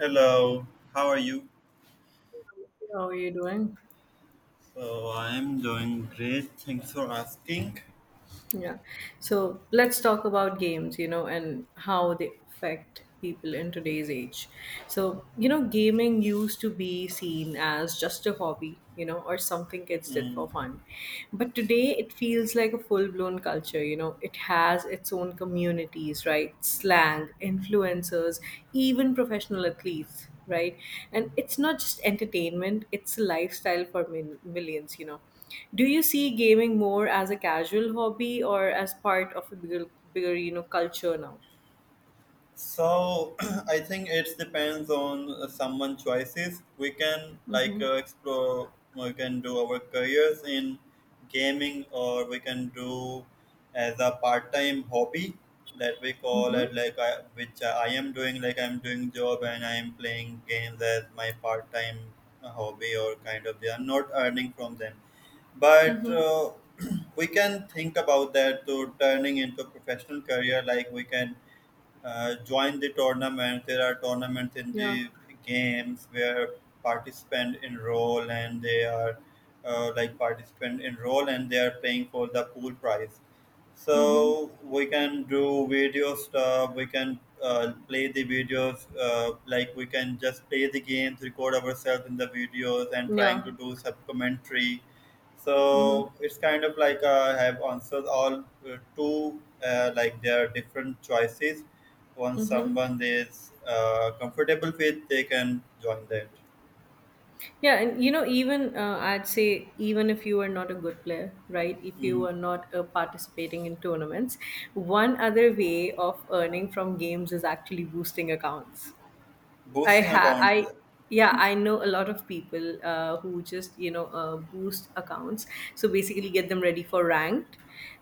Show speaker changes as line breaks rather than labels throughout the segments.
Hello, how are you?
How are you doing?
So I'm doing great. Thanks for asking.
Yeah. So let's talk about games, and how they affect people in today's age. So, gaming used to be seen as just a hobby, or something kids did for
Mm.
fun. But today it feels like a full blown culture, it has its own communities, right? Slang, influencers, even professional athletes, right? And it's not just entertainment, it's a lifestyle for millions. Do you see gaming more as a casual hobby or as part of a bigger culture now?
So I think it depends on someone's choices. We can like explore. We can do our careers in gaming, or we can do as a part-time hobby that we call
Mm-hmm.
it like which I am doing. Like I'm doing job and I'm playing games as my part-time hobby or kind of. They are not earning from them, but.
Mm-hmm.
We can think about that to turning into a professional career like we can join the tournament. There are tournaments in
Yeah.
the games where participants enroll and they are like participant enroll and they are paying for the pool prize.
Mm-hmm.
So we can do video stuff. We can play the videos. Like we can just play the games, record ourselves in the videos, and trying to
Yeah.
do sub commentary
Mm-hmm.
so it's kind of like I have answered all two like there are different choices once
Mm-hmm.
someone is comfortable with they can join that.
Yeah, and even I'd say, even if you are not a good player, right? If you
Mm.
are not participating in tournaments, one other way of earning from games is actually boosting accounts. I
Boosting
ha
account.
I Yeah, I know a lot of people who just boost accounts. So basically, get them ready for ranked,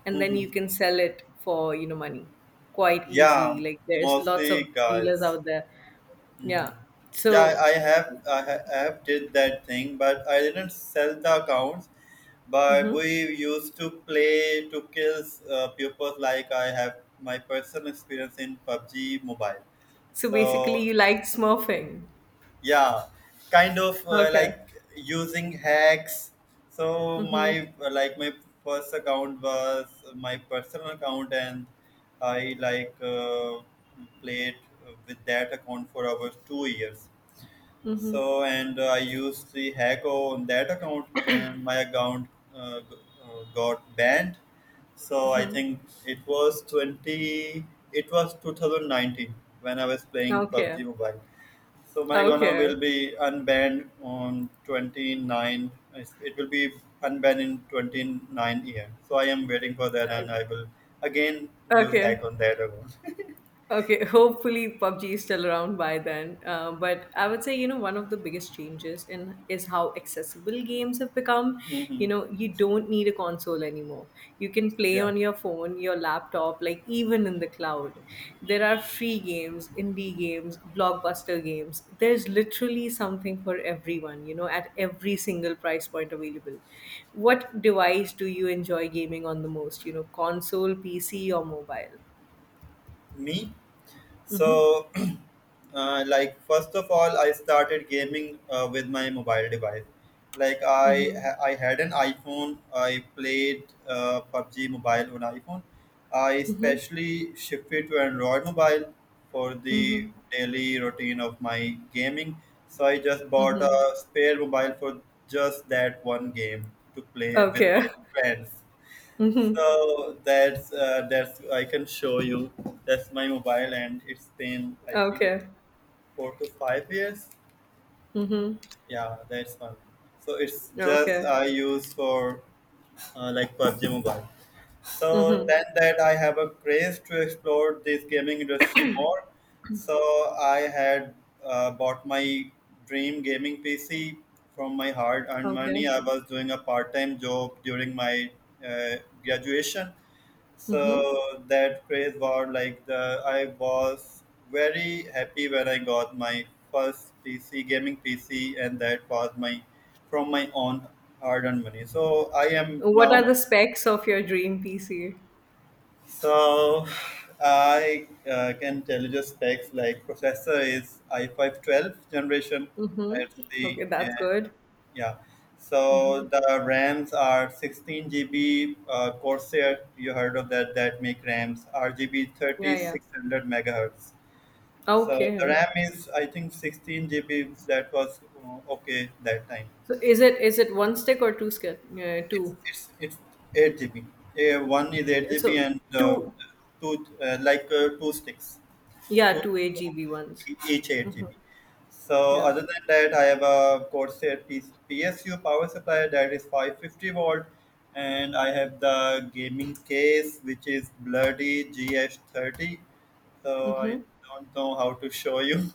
and then you
Mm.
can sell it for money quite easily.
Yeah,
Like there's lots
mostly
of dealers
guys.
out there.
Mhm.
Yeah.
Yeah,
So
I have did that thing, but I didn't sell the accounts. But
mhm.
we used to play to kill pupils. Like I have my personal experience in PUBG Mobile.
so
So
basically, you like smurfing.
yeah, kind of
Okay.
like using hacks. So
Mm-hmm.
my first account was my personal account, and I like played with that account for over 2 years.
Mm-hmm.
So and I used the hack on that account, and my account uh, g- got banned. So I think it was 20. It was 2019 when I was playing
Okay.
PUBG Mobile. So my Gona
Okay.
will be unbanned on 29. It will be unbanned in 29 year. So I am waiting for that, and
Okay.
I will again use
Okay.
hack on that account.
Okay, hopefully PUBG is still around by then. But I would say, one of the biggest changes in is how accessible games have become.
Hmm.
You don't need a console anymore. You can play
Yeah,
on your phone, your laptop, like even in the cloud. There are free games, indie games, blockbuster games. There's literally something for everyone, at every single price point available. What device do you enjoy gaming on the most? Console, PC, or mobile?
me.
Mm-hmm.
So, like first of all, I started gaming with my mobile device. Like I,
Mm-hmm.
ha- I had an iPhone. I played PUBG Mobile on iPhone. I
Mhm.
especially shifted to Android Mobile for the
Mhm.
daily routine of my gaming. So I just bought
Mhm.
a spare mobile for just that one game to play with
Okay.
my friends.
Mhm.
So that's I can show you. That's my mobile, and it's been I think
Okay.
4 to 5 years.
Mhm.
Yeah, that's one. So it's just
Okay.
I use for like PUBG Mobile. So
Mhm.
then that I have a craze to explore this gaming industry more. So I had bought my dream gaming PC from my hard-earned money.
Okay.
I was doing a part-time job during my uh, graduation,
Mhm.
so that craze was like the I was very happy when I got my first PC gaming PC and that was my from my own hard earned money. So I am
What are
now
the specs of your dream PC?
so I can tell you just specs like processor is i5 12 generation.
Mhm.
That's the
Okay, that's good.
Yeah. So
Mhm.
the RAMs are 16 GB Corsair. You heard of that? That make RAMs RGB
Yeah, yeah.
3600 megahertz. So the
Okay.
RAM is I think 16 GB. That was okay that time.
So is it one stick or two stick? Yeah,
It's
two.
it's it's 8 GB. One is 8
So
GB and
two.
two sticks.
Yeah,
To
two AGB ones.
each 8
Mhm.
GB. So
Yeah.
other than that, I have a Corsair PSU power supply that is 550 volt, and I have the gaming case which is bloody GH30. So I
Mhm.
don't know how to show you.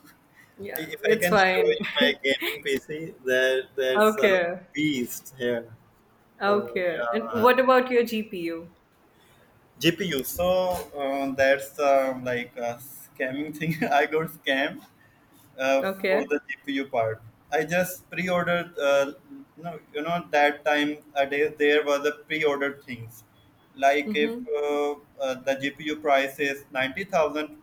Yeah,
If I
it's
can show
fine.
you my gaming PC, there's a
Okay.
beast here. So
Okay. And
yeah,
what about your GPU?
GPU. So that's like a scamming thing. I got scammed for
Okay.
the GPU part. I just pre-ordered. That time a day there were the pre-ordered things. Like if
Mhm.
the GPU price is 90,000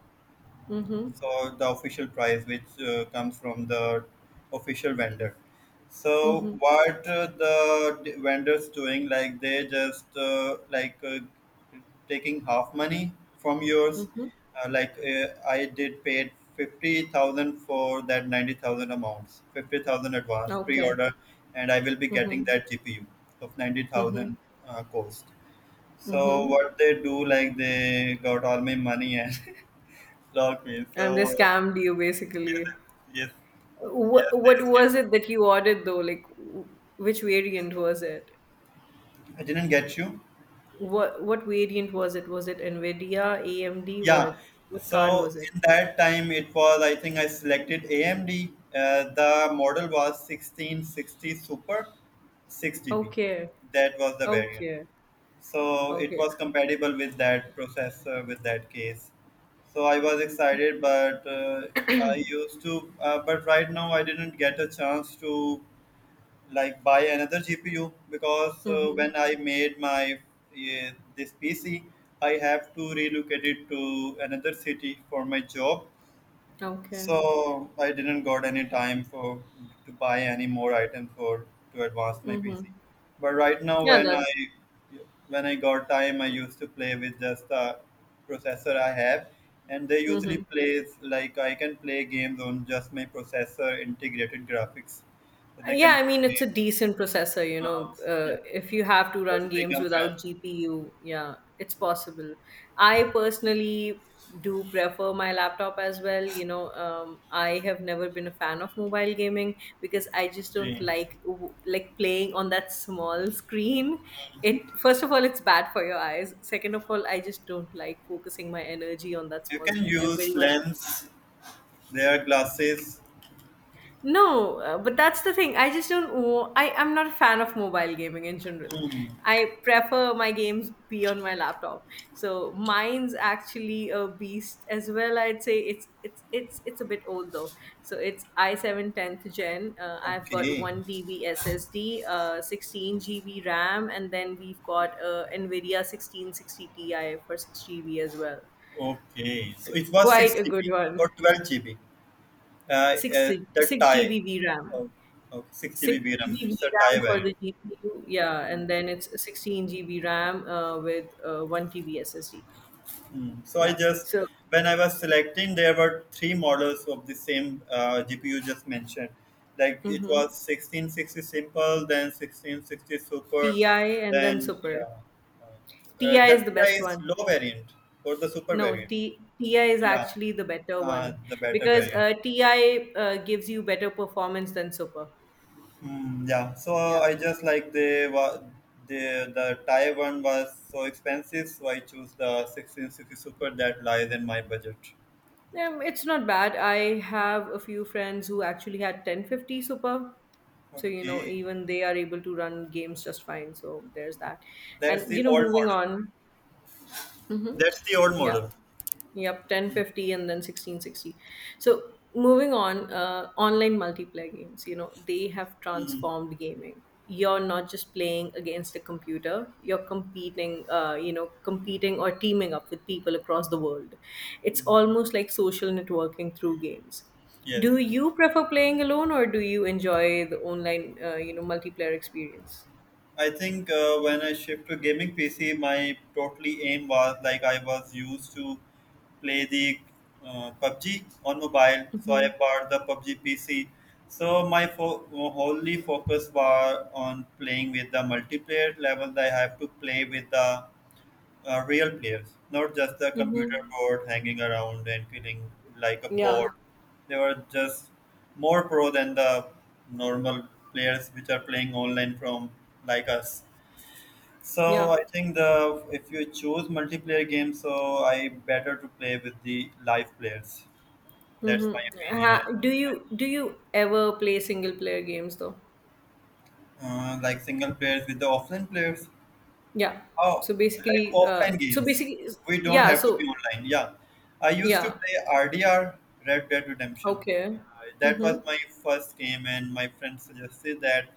Mhm.
so the official price which comes from the official vendor so
Mhm.
what the vendors doing like they just taking half money from yours
Mhm.
I did paid 50,000 for that 90,000 amounts 50,000 advance
Okay.
pre-order and I will be getting
Mhm.
that gpu of
Mhm.
90,000 cost so
Mhm.
what they do like they got all my money and locked me so.
And they scammed you
Yes,
basically.
yes,
What
yes, they
what
escaped.
was it that you ordered though? Like which variant was it?
I didn't get you.
What variant was it? Was it Nvidia, AMD?
Yeah.
What card
So
was it?
in that time, it was, I think I selected AMD. The model was 1660 Super 6 GB.
Okay.
That was the variant.
Okay.
So it
Okay.
was compatible with that processor, with that case. So I was excited, but but right now I didn't get a chance to like buy another GPU because
Mm-hmm.
when I made my uh, this PC, I have to relocate it to another city for my job.
Okay.
So I didn't got any time for to buy any more item for to advance my
Mm-hmm.
PC. But right now,
Yeah,
when I
that.
when I got time, I used to play with just the processor I have, and they usually
Mm-hmm.
plays like I can play games on just my processor integrated graphics, so they
Yeah,
can.
I mean it's a decent processor.
Uh, yeah,
If you have to
suppose
run
they
games
come back.
without GPU, yeah, it's possible. I personally do prefer my laptop as well. I have never been a fan of mobile gaming because I just don't
Hmm.
like like playing on that small screen. It first of all, it's bad for your eyes. Second of all, I just don't like focusing my energy on that
You
small
can
screen. I very
use
much
lens, their glasses.
No, but that's the thing. I just don't. I am not a fan of mobile gaming in general.
Hmm.
I prefer my games be on my laptop. So mine's actually a beast as well. I'd say it's a bit old though. So it's i7 10th gen. I've got
Okay.
one DB SSD, 16 GB RAM, and then we've got NVIDIA 1660 Ti for 6 GB as well.
Okay. So
So
it was 6
quite a good
GB or
one.
12 GB.
6
The
6
tie.
GB VRAM.
Oh, okay. 6 GB
6
RAM.
GB
It's a
VRAM
tie
for
variant.
the GPU, yeah, and then it's 16 GB RAM with 1 TB SSD.
Mm. So I
Yeah.
just
So
when I was selecting, there were three models of the same GPU just mentioned. Like it
hmm
was 1660 simple, then 1660 super,
TI and then
then
Super.
yeah.
Ti is
The
the best
TI is
one.
low variant or the super
No,
variant.
Ti is
Yeah,
actually the better one
the better
because
variant.
Ti gives you better performance than Super.
Mm, yeah, so
Yeah.
I just like the Thai one was so expensive, so I choose the 1660 super that lies in my budget.
It's not bad. I have a few friends who actually had 1050 Super, so
Okay.
even they are able to run games just fine, so there's that,
That's
and
the old
moving
model.
on. hmm
That's the old
yeah.
model.
Yep, 1050 and then 1660. So moving on, online multiplayer games, they have transformed gaming. You're not just playing against a computer, you're competing or teaming up with people across the world. It's almost like social networking through games. Do
Yes.
you prefer playing alone or do you enjoy the online, multiplayer experience?
I think when I shift to gaming PC, my totally aim was like I was used to play the PUBG on mobile, so I
Mm-hmm.
bought the PUBG PC. So my wholly focus was on playing with the multiplayer level. I have to play with the real players, not just the computer
Mm-hmm.
board hanging around and feeling like a
Yeah.
board. They were just more pro than the normal players which are playing online from like us. So
Yeah.
I think the if you choose multiplayer games, so I better to play with the live players. That's my
Mm-hmm.
opinion.
Ha, do you ever play single player games though?
Like single players with the offline players.
Yeah.
Oh,
So
like
basically, uh,
offline
so
games.
basically,
We don't
yeah.
have to be
So
online. Yeah. I used to
yeah.
play RDR, Red Dead Redemption.
Okay.
Uh, that was
Mm-hmm.
my first game, and my friend suggested that.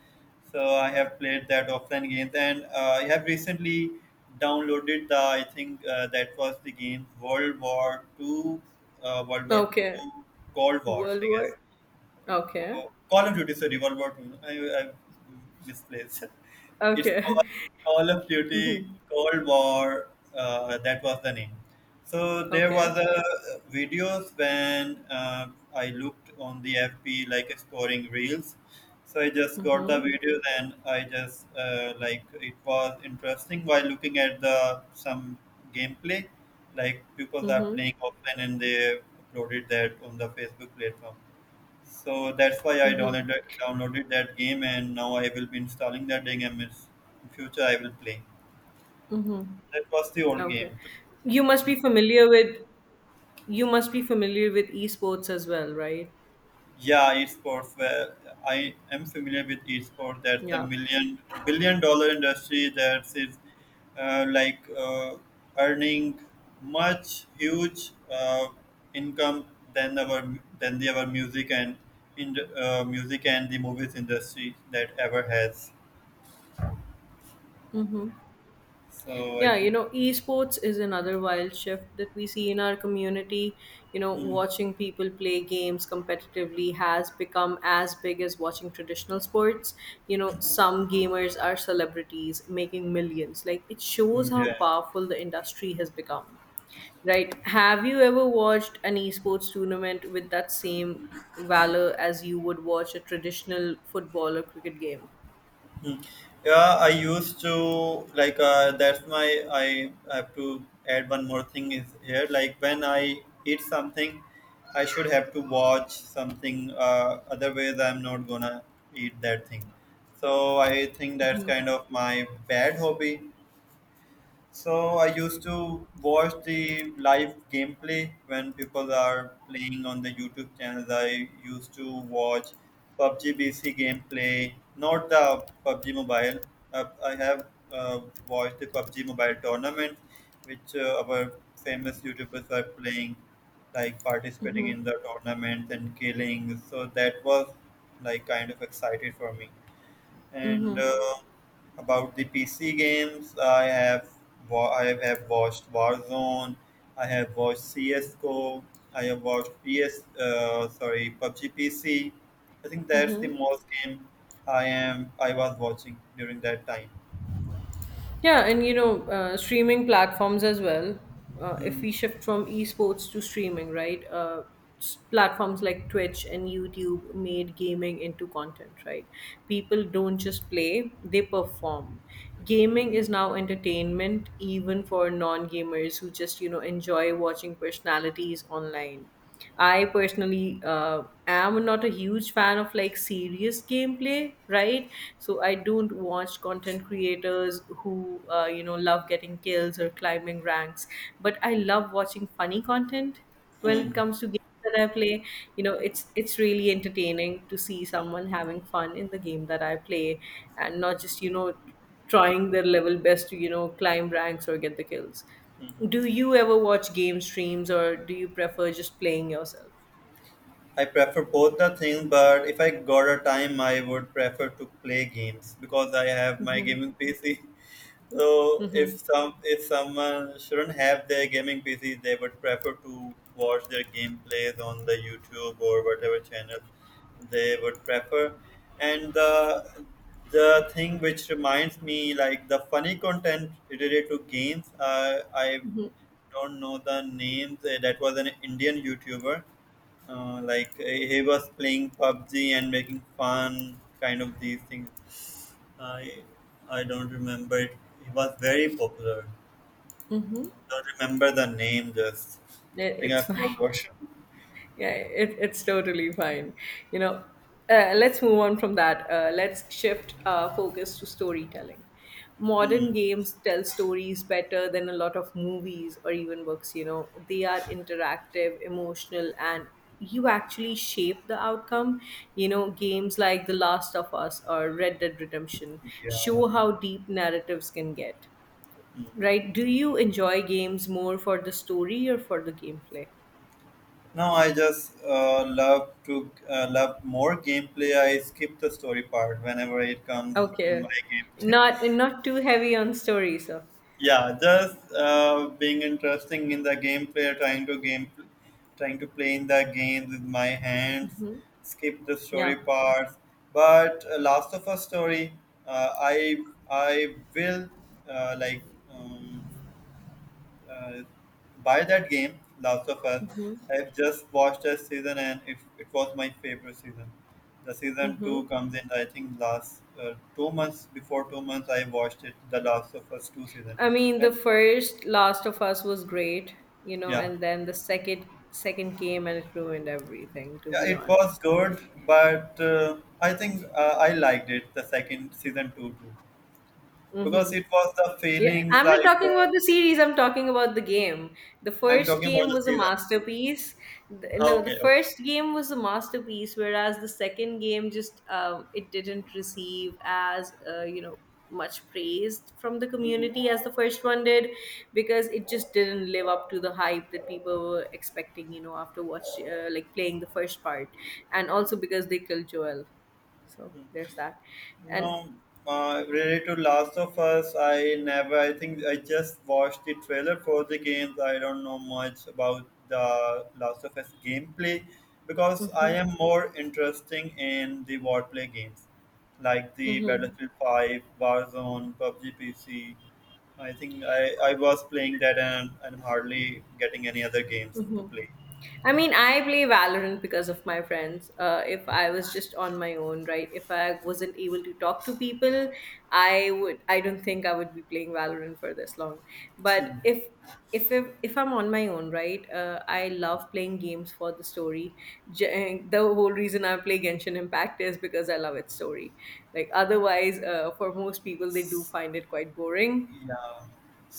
So I have played that offline game, and I have recently downloaded the, I think that was the game World War Two, uh, World War
Okay.
Two Cold Wars,
World
I guess.
War. Okay.
Oh, Call of Duty, sorry, what about me? I misplaced. It's
Okay.
called Call of Duty
Mm-hmm.
Cold War. That was the name. So there
Okay.
was a videos when I looked on the FB like exploring reels. So I just got the
Mm-hmm.
videos and I just like it was interesting while looking at the some gameplay. Like people are
Mm-hmm.
playing offline and they uploaded that on the Facebook platform. So that's why I
Mm-hmm.
downloaded that game, and now I will be installing that game. In future, I will play.
Mm-hmm.
That was the old
Okay.
game. Too.
You must be familiar with you must be familiar with esports as well, right?
Yeah, esports. Well, I am familiar with esports. That's a
Yeah.
million billion dollar industry that is uh, like uh, earning much huge uh, income than our than the our music and in music and the movies industry that ever has.
Mm-hmm.
So I
Yeah,
think.
esports is another wild shift that we see in our community. Watching people play games competitively has become as big as watching traditional sports. Some gamers are celebrities making millions. Like, it shows
Mm,
how
yeah.
powerful the industry has become. Right. Have you ever watched an esports tournament with that same valor as you would watch a traditional football or cricket game?
Hmm. Yeah, I used to like that's my I have to add one more thing is here like when I eat something, I should have to watch something. Otherwise, I'm not gonna eat that thing. So I think that's kind of my bad hobby. So I used to watch the live gameplay when people are playing on the YouTube channels. I used to watch PUBG BC gameplay, not the PUBG Mobile. I have uh, watched the PUBG Mobile tournament, which our famous YouTubers are playing, like participating in the tournament and killing. So that was like kind of excited for me. And about the PC games, I have watched Warzone, I have watched CS:GO, I have watched PS sorry PUBG PC. I think that's the most game I was watching during that time.
Yeah, and streaming platforms as well. If
Hmm,
we shift from esports to streaming, right? Platforms like Twitch and YouTube made gaming into content, right? People don't just play, they perform. Gaming
hmm,
is now entertainment, even for non gamers who just, enjoy watching personalities online. I personally am not a huge fan of like serious gameplay, right? So I don't watch content creators who love getting kills or climbing ranks, but I love watching funny content when it
hmm.
comes to games that I play. It's really entertaining to see someone having fun in the game that I play and not just trying their level best to climb ranks or get the kills. Do you ever watch game streams or do you prefer just playing yourself?
I prefer both the things, but if I got a time, I would prefer to play games because I have my
Mm-hmm.
gaming PC. So if
Mm-hmm.
some if someone shouldn't have their gaming PCs, they would prefer to watch their gameplays on the YouTube or whatever channel they would prefer. And the thing which reminds me, like the funny content related to games, I don't know the names. That was an Indian YouTuber. Like he was playing PUBG and making fun, kind of these things. I I don't remember it. He was very popular. Don't remember the name just. I think I
It's fine.
forgot.
Yeah, it's totally fine. you know let's move on from that. Let's shift our focus to storytelling. Modern
Hmm.
games tell stories better than a lot of movies or even books. They are interactive, emotional, and you actually shape the outcome. Games like The Last of Us or Red Dead Redemption
Yeah.
show how deep narratives can get,
Hmm.
right? Do you enjoy games more for the story or for the gameplay?
No, I just love to love more gameplay. I skip the story part whenever it comes in
Okay.
my game.
Not too heavy on story, so.
Yeah, just being interesting in the gameplay, trying to play in the games with my hands,
Hmm.
skip the
Yeah.
story parts. But Last of Us story, uh, i I will, uh, like um, uh, buy that game Last of Us. I've just watched that season, and it was my favorite season. The season two
hmm
comes in, I think, last 2 months. Before 2 months I watched it, the Last of Us two season.
I mean, the
And
first Last of Us was great,
yeah,
and then the second came and it ruined everything, to
yeah,
be
it was
honest.
good, but I think I liked it, the second season, two too, because it was the
Yeah,
feelings
I'm not
like
talking about the series. I'm talking about the game. The
I'm
first
talking about
game
the
was a
season.
masterpiece.
Ah,
No, the
okay, okay.
first game was a masterpiece, whereas the second game just it didn't receive as much praise from the
Hmm.
community as the first one did, because it just didn't live up to the hype that people were expecting. After watch like playing the first part, and also because they killed Joel. So there's that, and.
No, related to Last of Us, I never. I think I just watched the trailer for the games. I don't know much about the Last of Us gameplay because I am more interesting in the wordplay games like the Battlefield 5, Warzone, PUBG PC. I think I was playing that, and hardly getting any other games to
Mhm.
play.
I mean, I play Valorant because of my friends. If I was just on my own, right? If I wasn't able to talk to people, I would. I don't think I would be playing Valorant for this long. But if I'm on my own, right? I love playing games for the story. The whole reason I play Genshin Impact is because I love its story. Like otherwise, for most people, they do find it quite boring.
Yeah.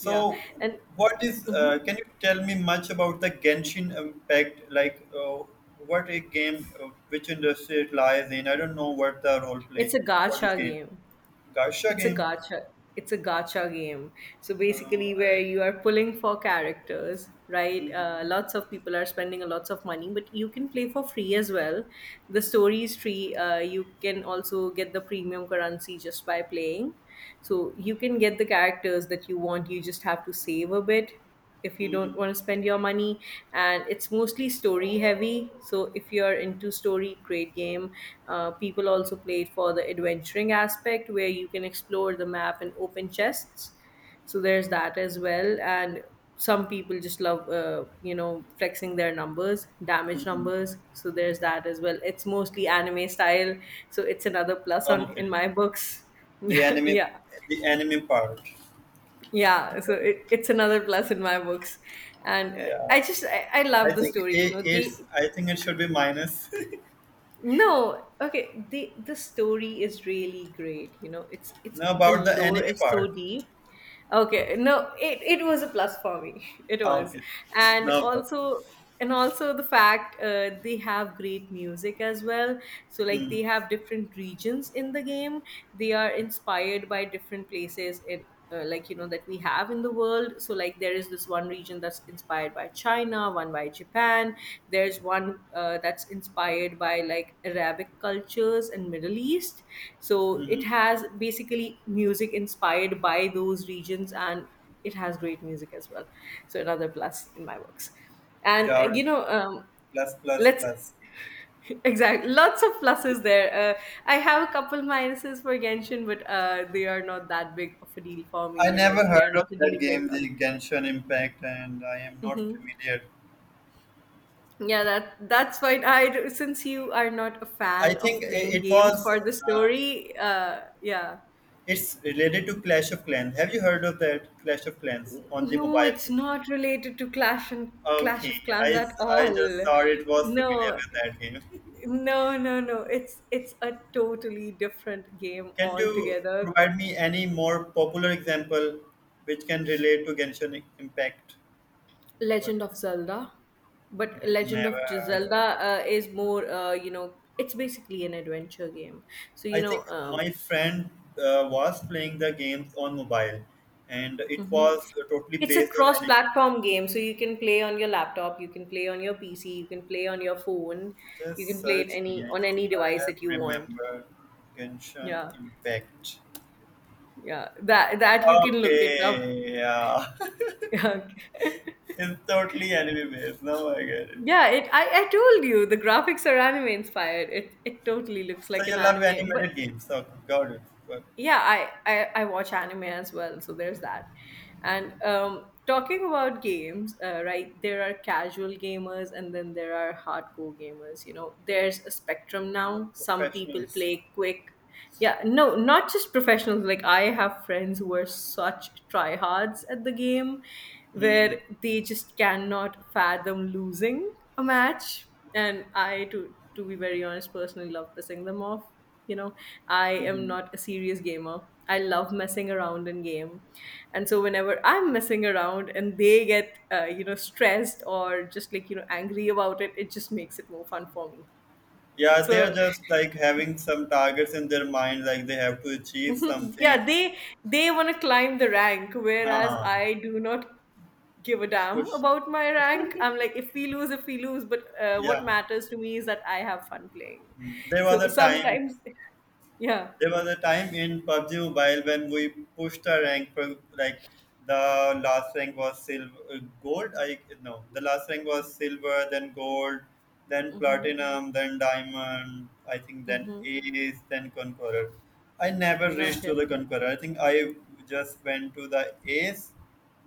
Yeah, and
what is?
mhm.
Can you tell me much about the Genshin Impact? Like, what a game, which industry it lies in? I don't know what the role play
It's a
for this
gacha
game.
game.
Gacha
It's a
game.
gacha. It's a gacha game. So
Uh,
basically, where
uh,
you are pulling for characters, right? Uh,
mhm,
lots of people are spending a lots of money, but you can play for free as well. The story is free. You can also get the premium currency just by playing. So you can get the characters that you want. You just have to save a bit if you don't
mhm,
want to spend your money, and it's mostly story heavy, so if you're into story, great game. People also play it for the adventuring aspect where you can explore the map and open chests, so there's that as well. And some people just love flexing their numbers, damage
mhm.
numbers, so there's that as well. It's mostly anime style, so it's another plus
Oh,
on
okay.
in my books.
The
Yeah,
anime,
yeah.
the anime part.
Yeah, so it's another plus in my books. And uh, i
Yeah.
just I, I love
I
the
think
story, you
it,
know,
it's.
they...
I think it should be minus.
No, okay, the story is really great, you know, it's
Now
the
about the
lore
anime
is
part.
so deep. Okay, no, it was a plus for me. It
Ah,
was.
okay.
And
No problem.
also, and also the fact they have great music as well. So, like,
Hmm.
they have different regions in the game. They are inspired by different places in, like, you know, that we have in the world. So, like, there is this one region that's inspired by China, one by Japan. There's one, that's inspired by like Arabic cultures and Middle East. So it has basically music inspired by those regions, and it has great music as well. So another plus in my works. And
Got
you
it.
know
Plus, plus,
let's
plus.
exactly, lots of pluses there. I have a couple minuses for Genshin, but they are not that big of a deal for me.
I
You know,
never
they are
heard of
not a
that
deal
game,
breaker.
the Genshin Impact, and I am not
Hmm.
familiar.
Yeah, that that's fine. I, since you are not a
I
fan of
think
playing
it
games
was.
for the
Uh,
story, yeah.
it's related to Clash of Clans. Have you heard of that Clash of Clans on the
No,
mobile?
it's not related to Clash and Clash
Okay,
of Clans
I
at
I just
all.
saw it was familiar
No,
with that game.
no, no, no. It's a totally different game
Can you
altogether.
provide me any more popular example which can relate to Genshin Impact? What?
Legend of Zelda, but Legend
Never
of
heard
Zelda,
of.
is more, you know, it's basically an adventure game. So,
I think my friend was playing the games on mobile, and it
mhm.
was totally
It's a
based on
cross
anime.
platform game. So you can play on your laptop, you can play on your PC, you can play on your phone, you
Just
can play it
search me.
any
I
on
think
any
I
device
have
that you want.
remembered Genshin
Yeah,
Impact.
yeah, that, that you can look it
Okay, yeah,
up.
it's totally anime based. Now I get it.
Yeah. Yeah, I told you the graphics are anime inspired. It totally looks
So
like an
you love
anime. But
animated games. So got it. But
yeah, I watch anime as well, so there's that. And talking about games, right, there are casual gamers, and then there are hardcore gamers, you know, there's a spectrum.
the
Now some people
professionals.
play quick. Yeah, no, not just professionals. Like, I have friends who are such tryhards at the game
Hmm.
where they just cannot fathom losing a match. And I, to be very honest, personally love pissing them off, you know. I am
Hmm.
not a serious gamer. I love messing around in game. And so whenever I'm messing around and they get, stressed or just, like, you know, angry about it, it just makes it more fun for me.
Yeah, they are
So
just like having some targets in their mind, like they have to achieve
yeah,
something.
they want to climb the rank, whereas
Huh.
I do not give a damn
Push.
about my rank. I'm like, if we lose, if we lose. But what
Yeah.
matters to me is that I have fun playing.
Mm. There was
So
a time.
sometimes yeah.
There was a time in PUBG Mobile when we pushed our rank for, like, the last rank was silver, gold. I No, the last rank was silver, then gold, then
Mm-hmm.
platinum, then diamond. I think then
Mm-hmm.
ace, then conqueror. I never reached
Okay.
to the conqueror. I think I just went to the ace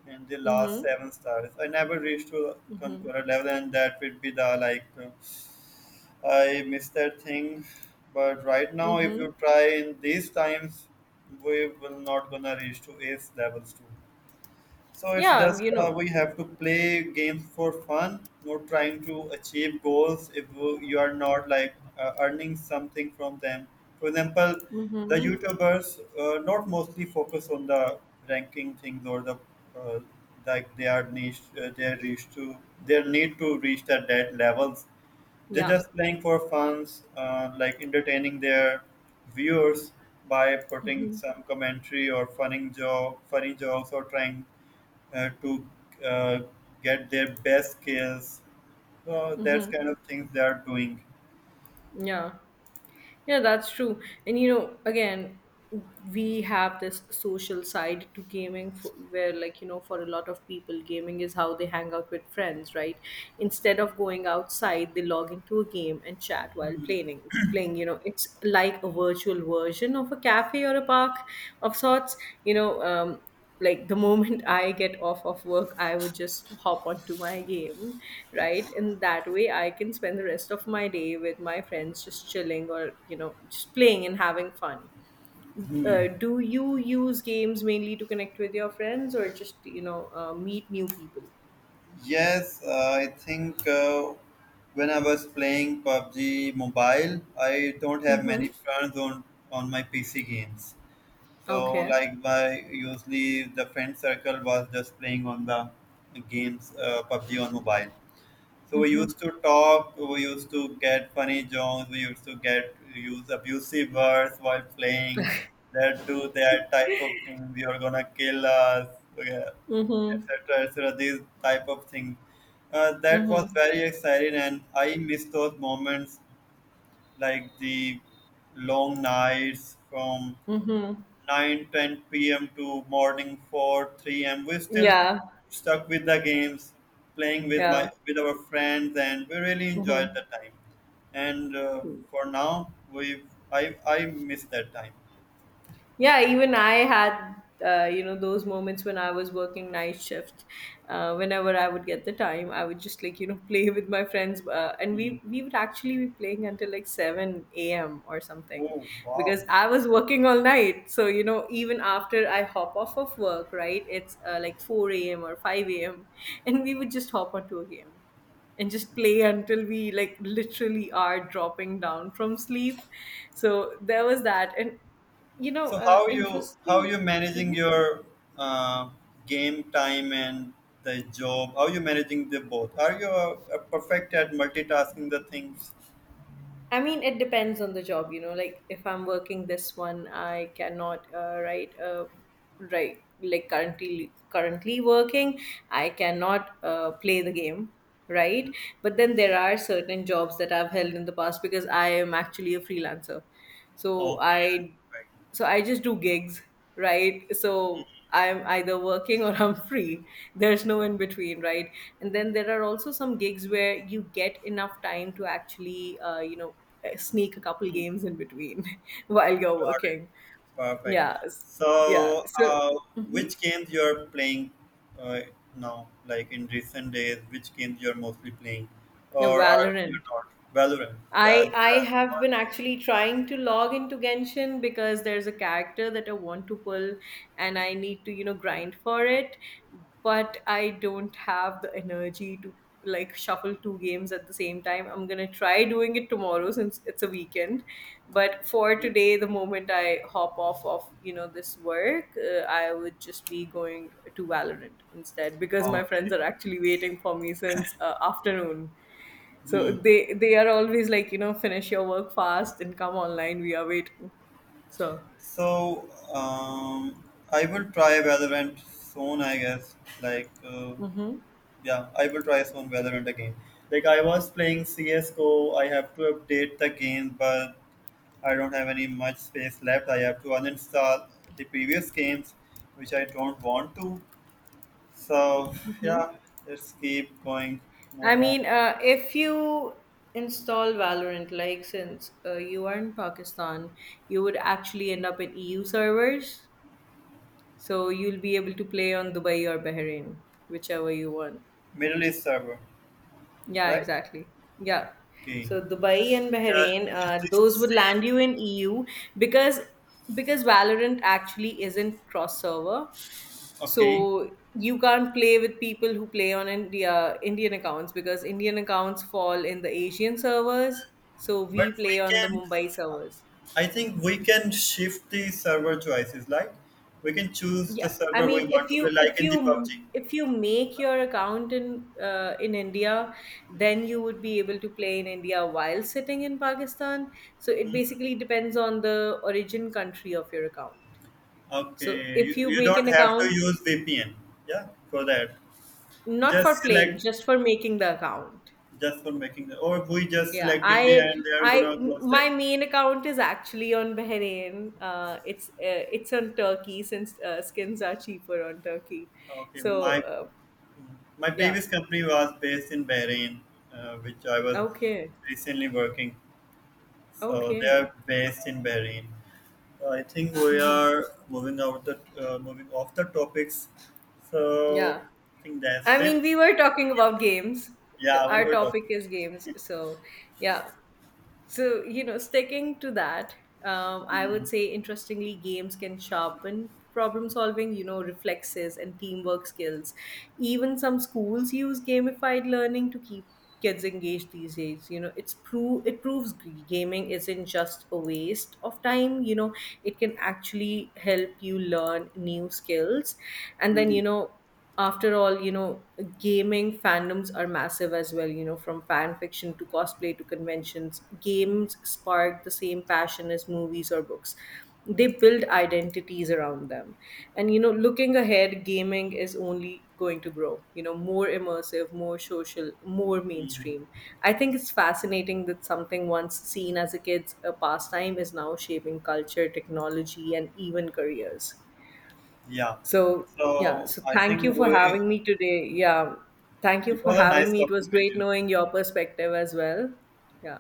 and the last
Mm-hmm.
seven stars. I never reached to the conqueror level, and that would be the like. I miss that thing. But right now, if
Mm-hmm.
you try in these times, we will not gonna reach to ace levels too. So it's
Yeah,
just
you know,
we have to play games for fun, not trying to achieve goals if you are not like earning something from them. For example, the
mm-hmm.
YouTubers not mostly focus on the ranking things or the uh, like they are niche, they reach to their need to reach the dead levels. They're
Yeah,
just playing for fans, like entertaining their viewers by putting some commentary or funny joke, funny jokes, or trying to uh, get their best skills. So that's kind of things they are doing.
yeah, yeah, that's true. And, you know, again, we have this social side to gaming for, where, like, you know, for a lot of people, gaming is how they hang out with friends, right? Instead of going outside, they log into a game and chat while playing. Playing, you know, it's like a virtual version of a cafe or a park of sorts. You know, um, like the moment I get off of work, I would just hop onto my game, right? And that way I can spend the rest of my day with my friends, just chilling, or, you know, just playing and having fun. Do you use games mainly to connect with your friends, or just, meet new people?
Yes, I think when I was playing PUBG Mobile, I don't have many
Mm-hmm.
friends on my PC games. So
Okay.
like by usually the friend circle was just playing on the games PUBG on mobile. So we used to talk, we used to get funny jokes, we used to get use abusive words while playing. That do that type of thing. You're gonna kill us, yeah,
Mm-hmm.
etc. etc. These type of things. That was
Mm-hmm.
very exciting, and I miss those moments like the long nights from
Mm-hmm.
9:10 p.m. to morning 4 3 a.m. We still
Yeah.
stuck with the games playing with my
Yeah.
with our friends, and we really enjoyed
Mm-hmm.
the time. And for now we I miss that time.
Yeah, even I had, those moments when I was working night shift. Whenever I would get the time, I would just, like, you know, play with my friends. And
Mm.
we would actually be playing until like 7 a.m or something,
Oh, wow.
because I was working all night. So you know, even after I hop off of work, right, it's, like 4 a.m or 5 a.m, and we would just hop onto a game and just play until we, like, literally are dropping down from sleep. So there was that. And you know,
So how
interesting.
you managing
Mhm.
your uh, game time and the job? How you managing the both? Are you perfect at multitasking the things?
I mean, it depends on the job, you know, like, if I'm working this one, I cannot, write, right, like, currently working, I cannot, play the game, right? But then there are certain jobs that I've held in the past because I am actually a freelancer. So
Okay, that's
I,
perfect.
so I just do gigs, right, so I'm either working or I'm free. There's no in between, right. And then there are also some gigs where you get enough time to actually, sneak a couple games in between while you're
Got it.
working.
Perfect.
yeah s- yeah,
So,
so mhm.
which games you're playing uh, now, like in recent days? Which games you're mostly playing,
Yeah,
or are you
Valorant.
not? Valorant. That's
I
just
have
one
been
game.
actually trying to log into Genshin because there's a character that I want to pull, and I need to, you know, grind for it, but I don't have the energy to, like, shuffle two games at the same time. I'm going to try doing it tomorrow since it's a weekend, but for today, the moment I hop off of, you know, this work, I would just be going to Valorant instead because my friends
Okay.
are actually waiting for me since, afternoon. So
Hmm.
they are always like, you know, finish your work fast and come online. We are waiting. So
So, I will try Valorant soon, I guess. Like,
hmm.
yeah, I will try soon Valorant again. Like, I was playing CS:GO. I have to update the game, but I don't have any much space left. I have to uninstall the previous games, which I don't want to. So yeah, let's keep going.
I
Move on.
mean, if you install Valorant, like, since you are in Pakistan, you would actually end up in EU servers. So you'll be able to play on Dubai or Bahrain, whichever you want.
Middle East server,
Yeah,
right?
exactly. Yeah.
Okay.
So Dubai and
Yeah,
Bahrain,
it's the
those would land
same.
you in EU, because because Valorant actually isn't cross server. So
Okay,
you can't play with people who play on Indian accounts, because Indian accounts fall in the Asian servers. So we
but
play
we
on the
can.
Mumbai servers.
I think we can shift the server choices. Like we can choose
Yeah,
the
I
server we
mean, if
want to play,
you if
like in
you
the PUBG.
if you make your account in, in India, then you would be able to play in India while sitting in Pakistan. So it basically depends on the origin country of your account. So
Okay,
if
you,
you
you
make
don't
an
have to
account,
use VPN. Yeah, for that.
not for
Just
playing,
select
just for making the account.
just for making the, or we just
Yeah,
select India, and they are
I,
gonna go
my
check.
main account is actually on Bahrain. It's on Turkey since skins are cheaper on Turkey.
Okay,
So
my my
yeah,
previous company was based in Bahrain, which I was
okay,
recently working. So they are
okay,
based in Bahrain. So, I think we
hmm,
are moving out the moving off the topics. So
yeah.
I think that's
I mean,
it.
we were talking about games. Uh,
Yeah, we
our
were
topic
talking.
is games, so yeah. So, you know, sticking to that, I would say interestingly, games can sharpen problem solving, you know, reflexes and teamwork skills. Even some schools use gamified learning to keep kids engaged these days. You know, it's proves gaming isn't just a waste of time, you know. It can actually help you learn new skills. And then, you
Mhm,
know, after all, you know, gaming fandoms are massive as well, you know. From fan fiction to cosplay to conventions, games spark the same passion as movies or books. They build identities around them. And, you know, looking ahead, gaming is only going to grow, you know, more immersive, more social, more mainstream.
mhm.
I think it's fascinating that something once seen as a kid's a pastime is now shaping culture, technology, and even careers.
Yeah.
So, yeah,
So
so
I
thank you
think
for
we
having me today. Yeah, thank you
it
for
was a
having
nice
me. It was
talking with
great
you.
knowing your perspective as well. Yeah.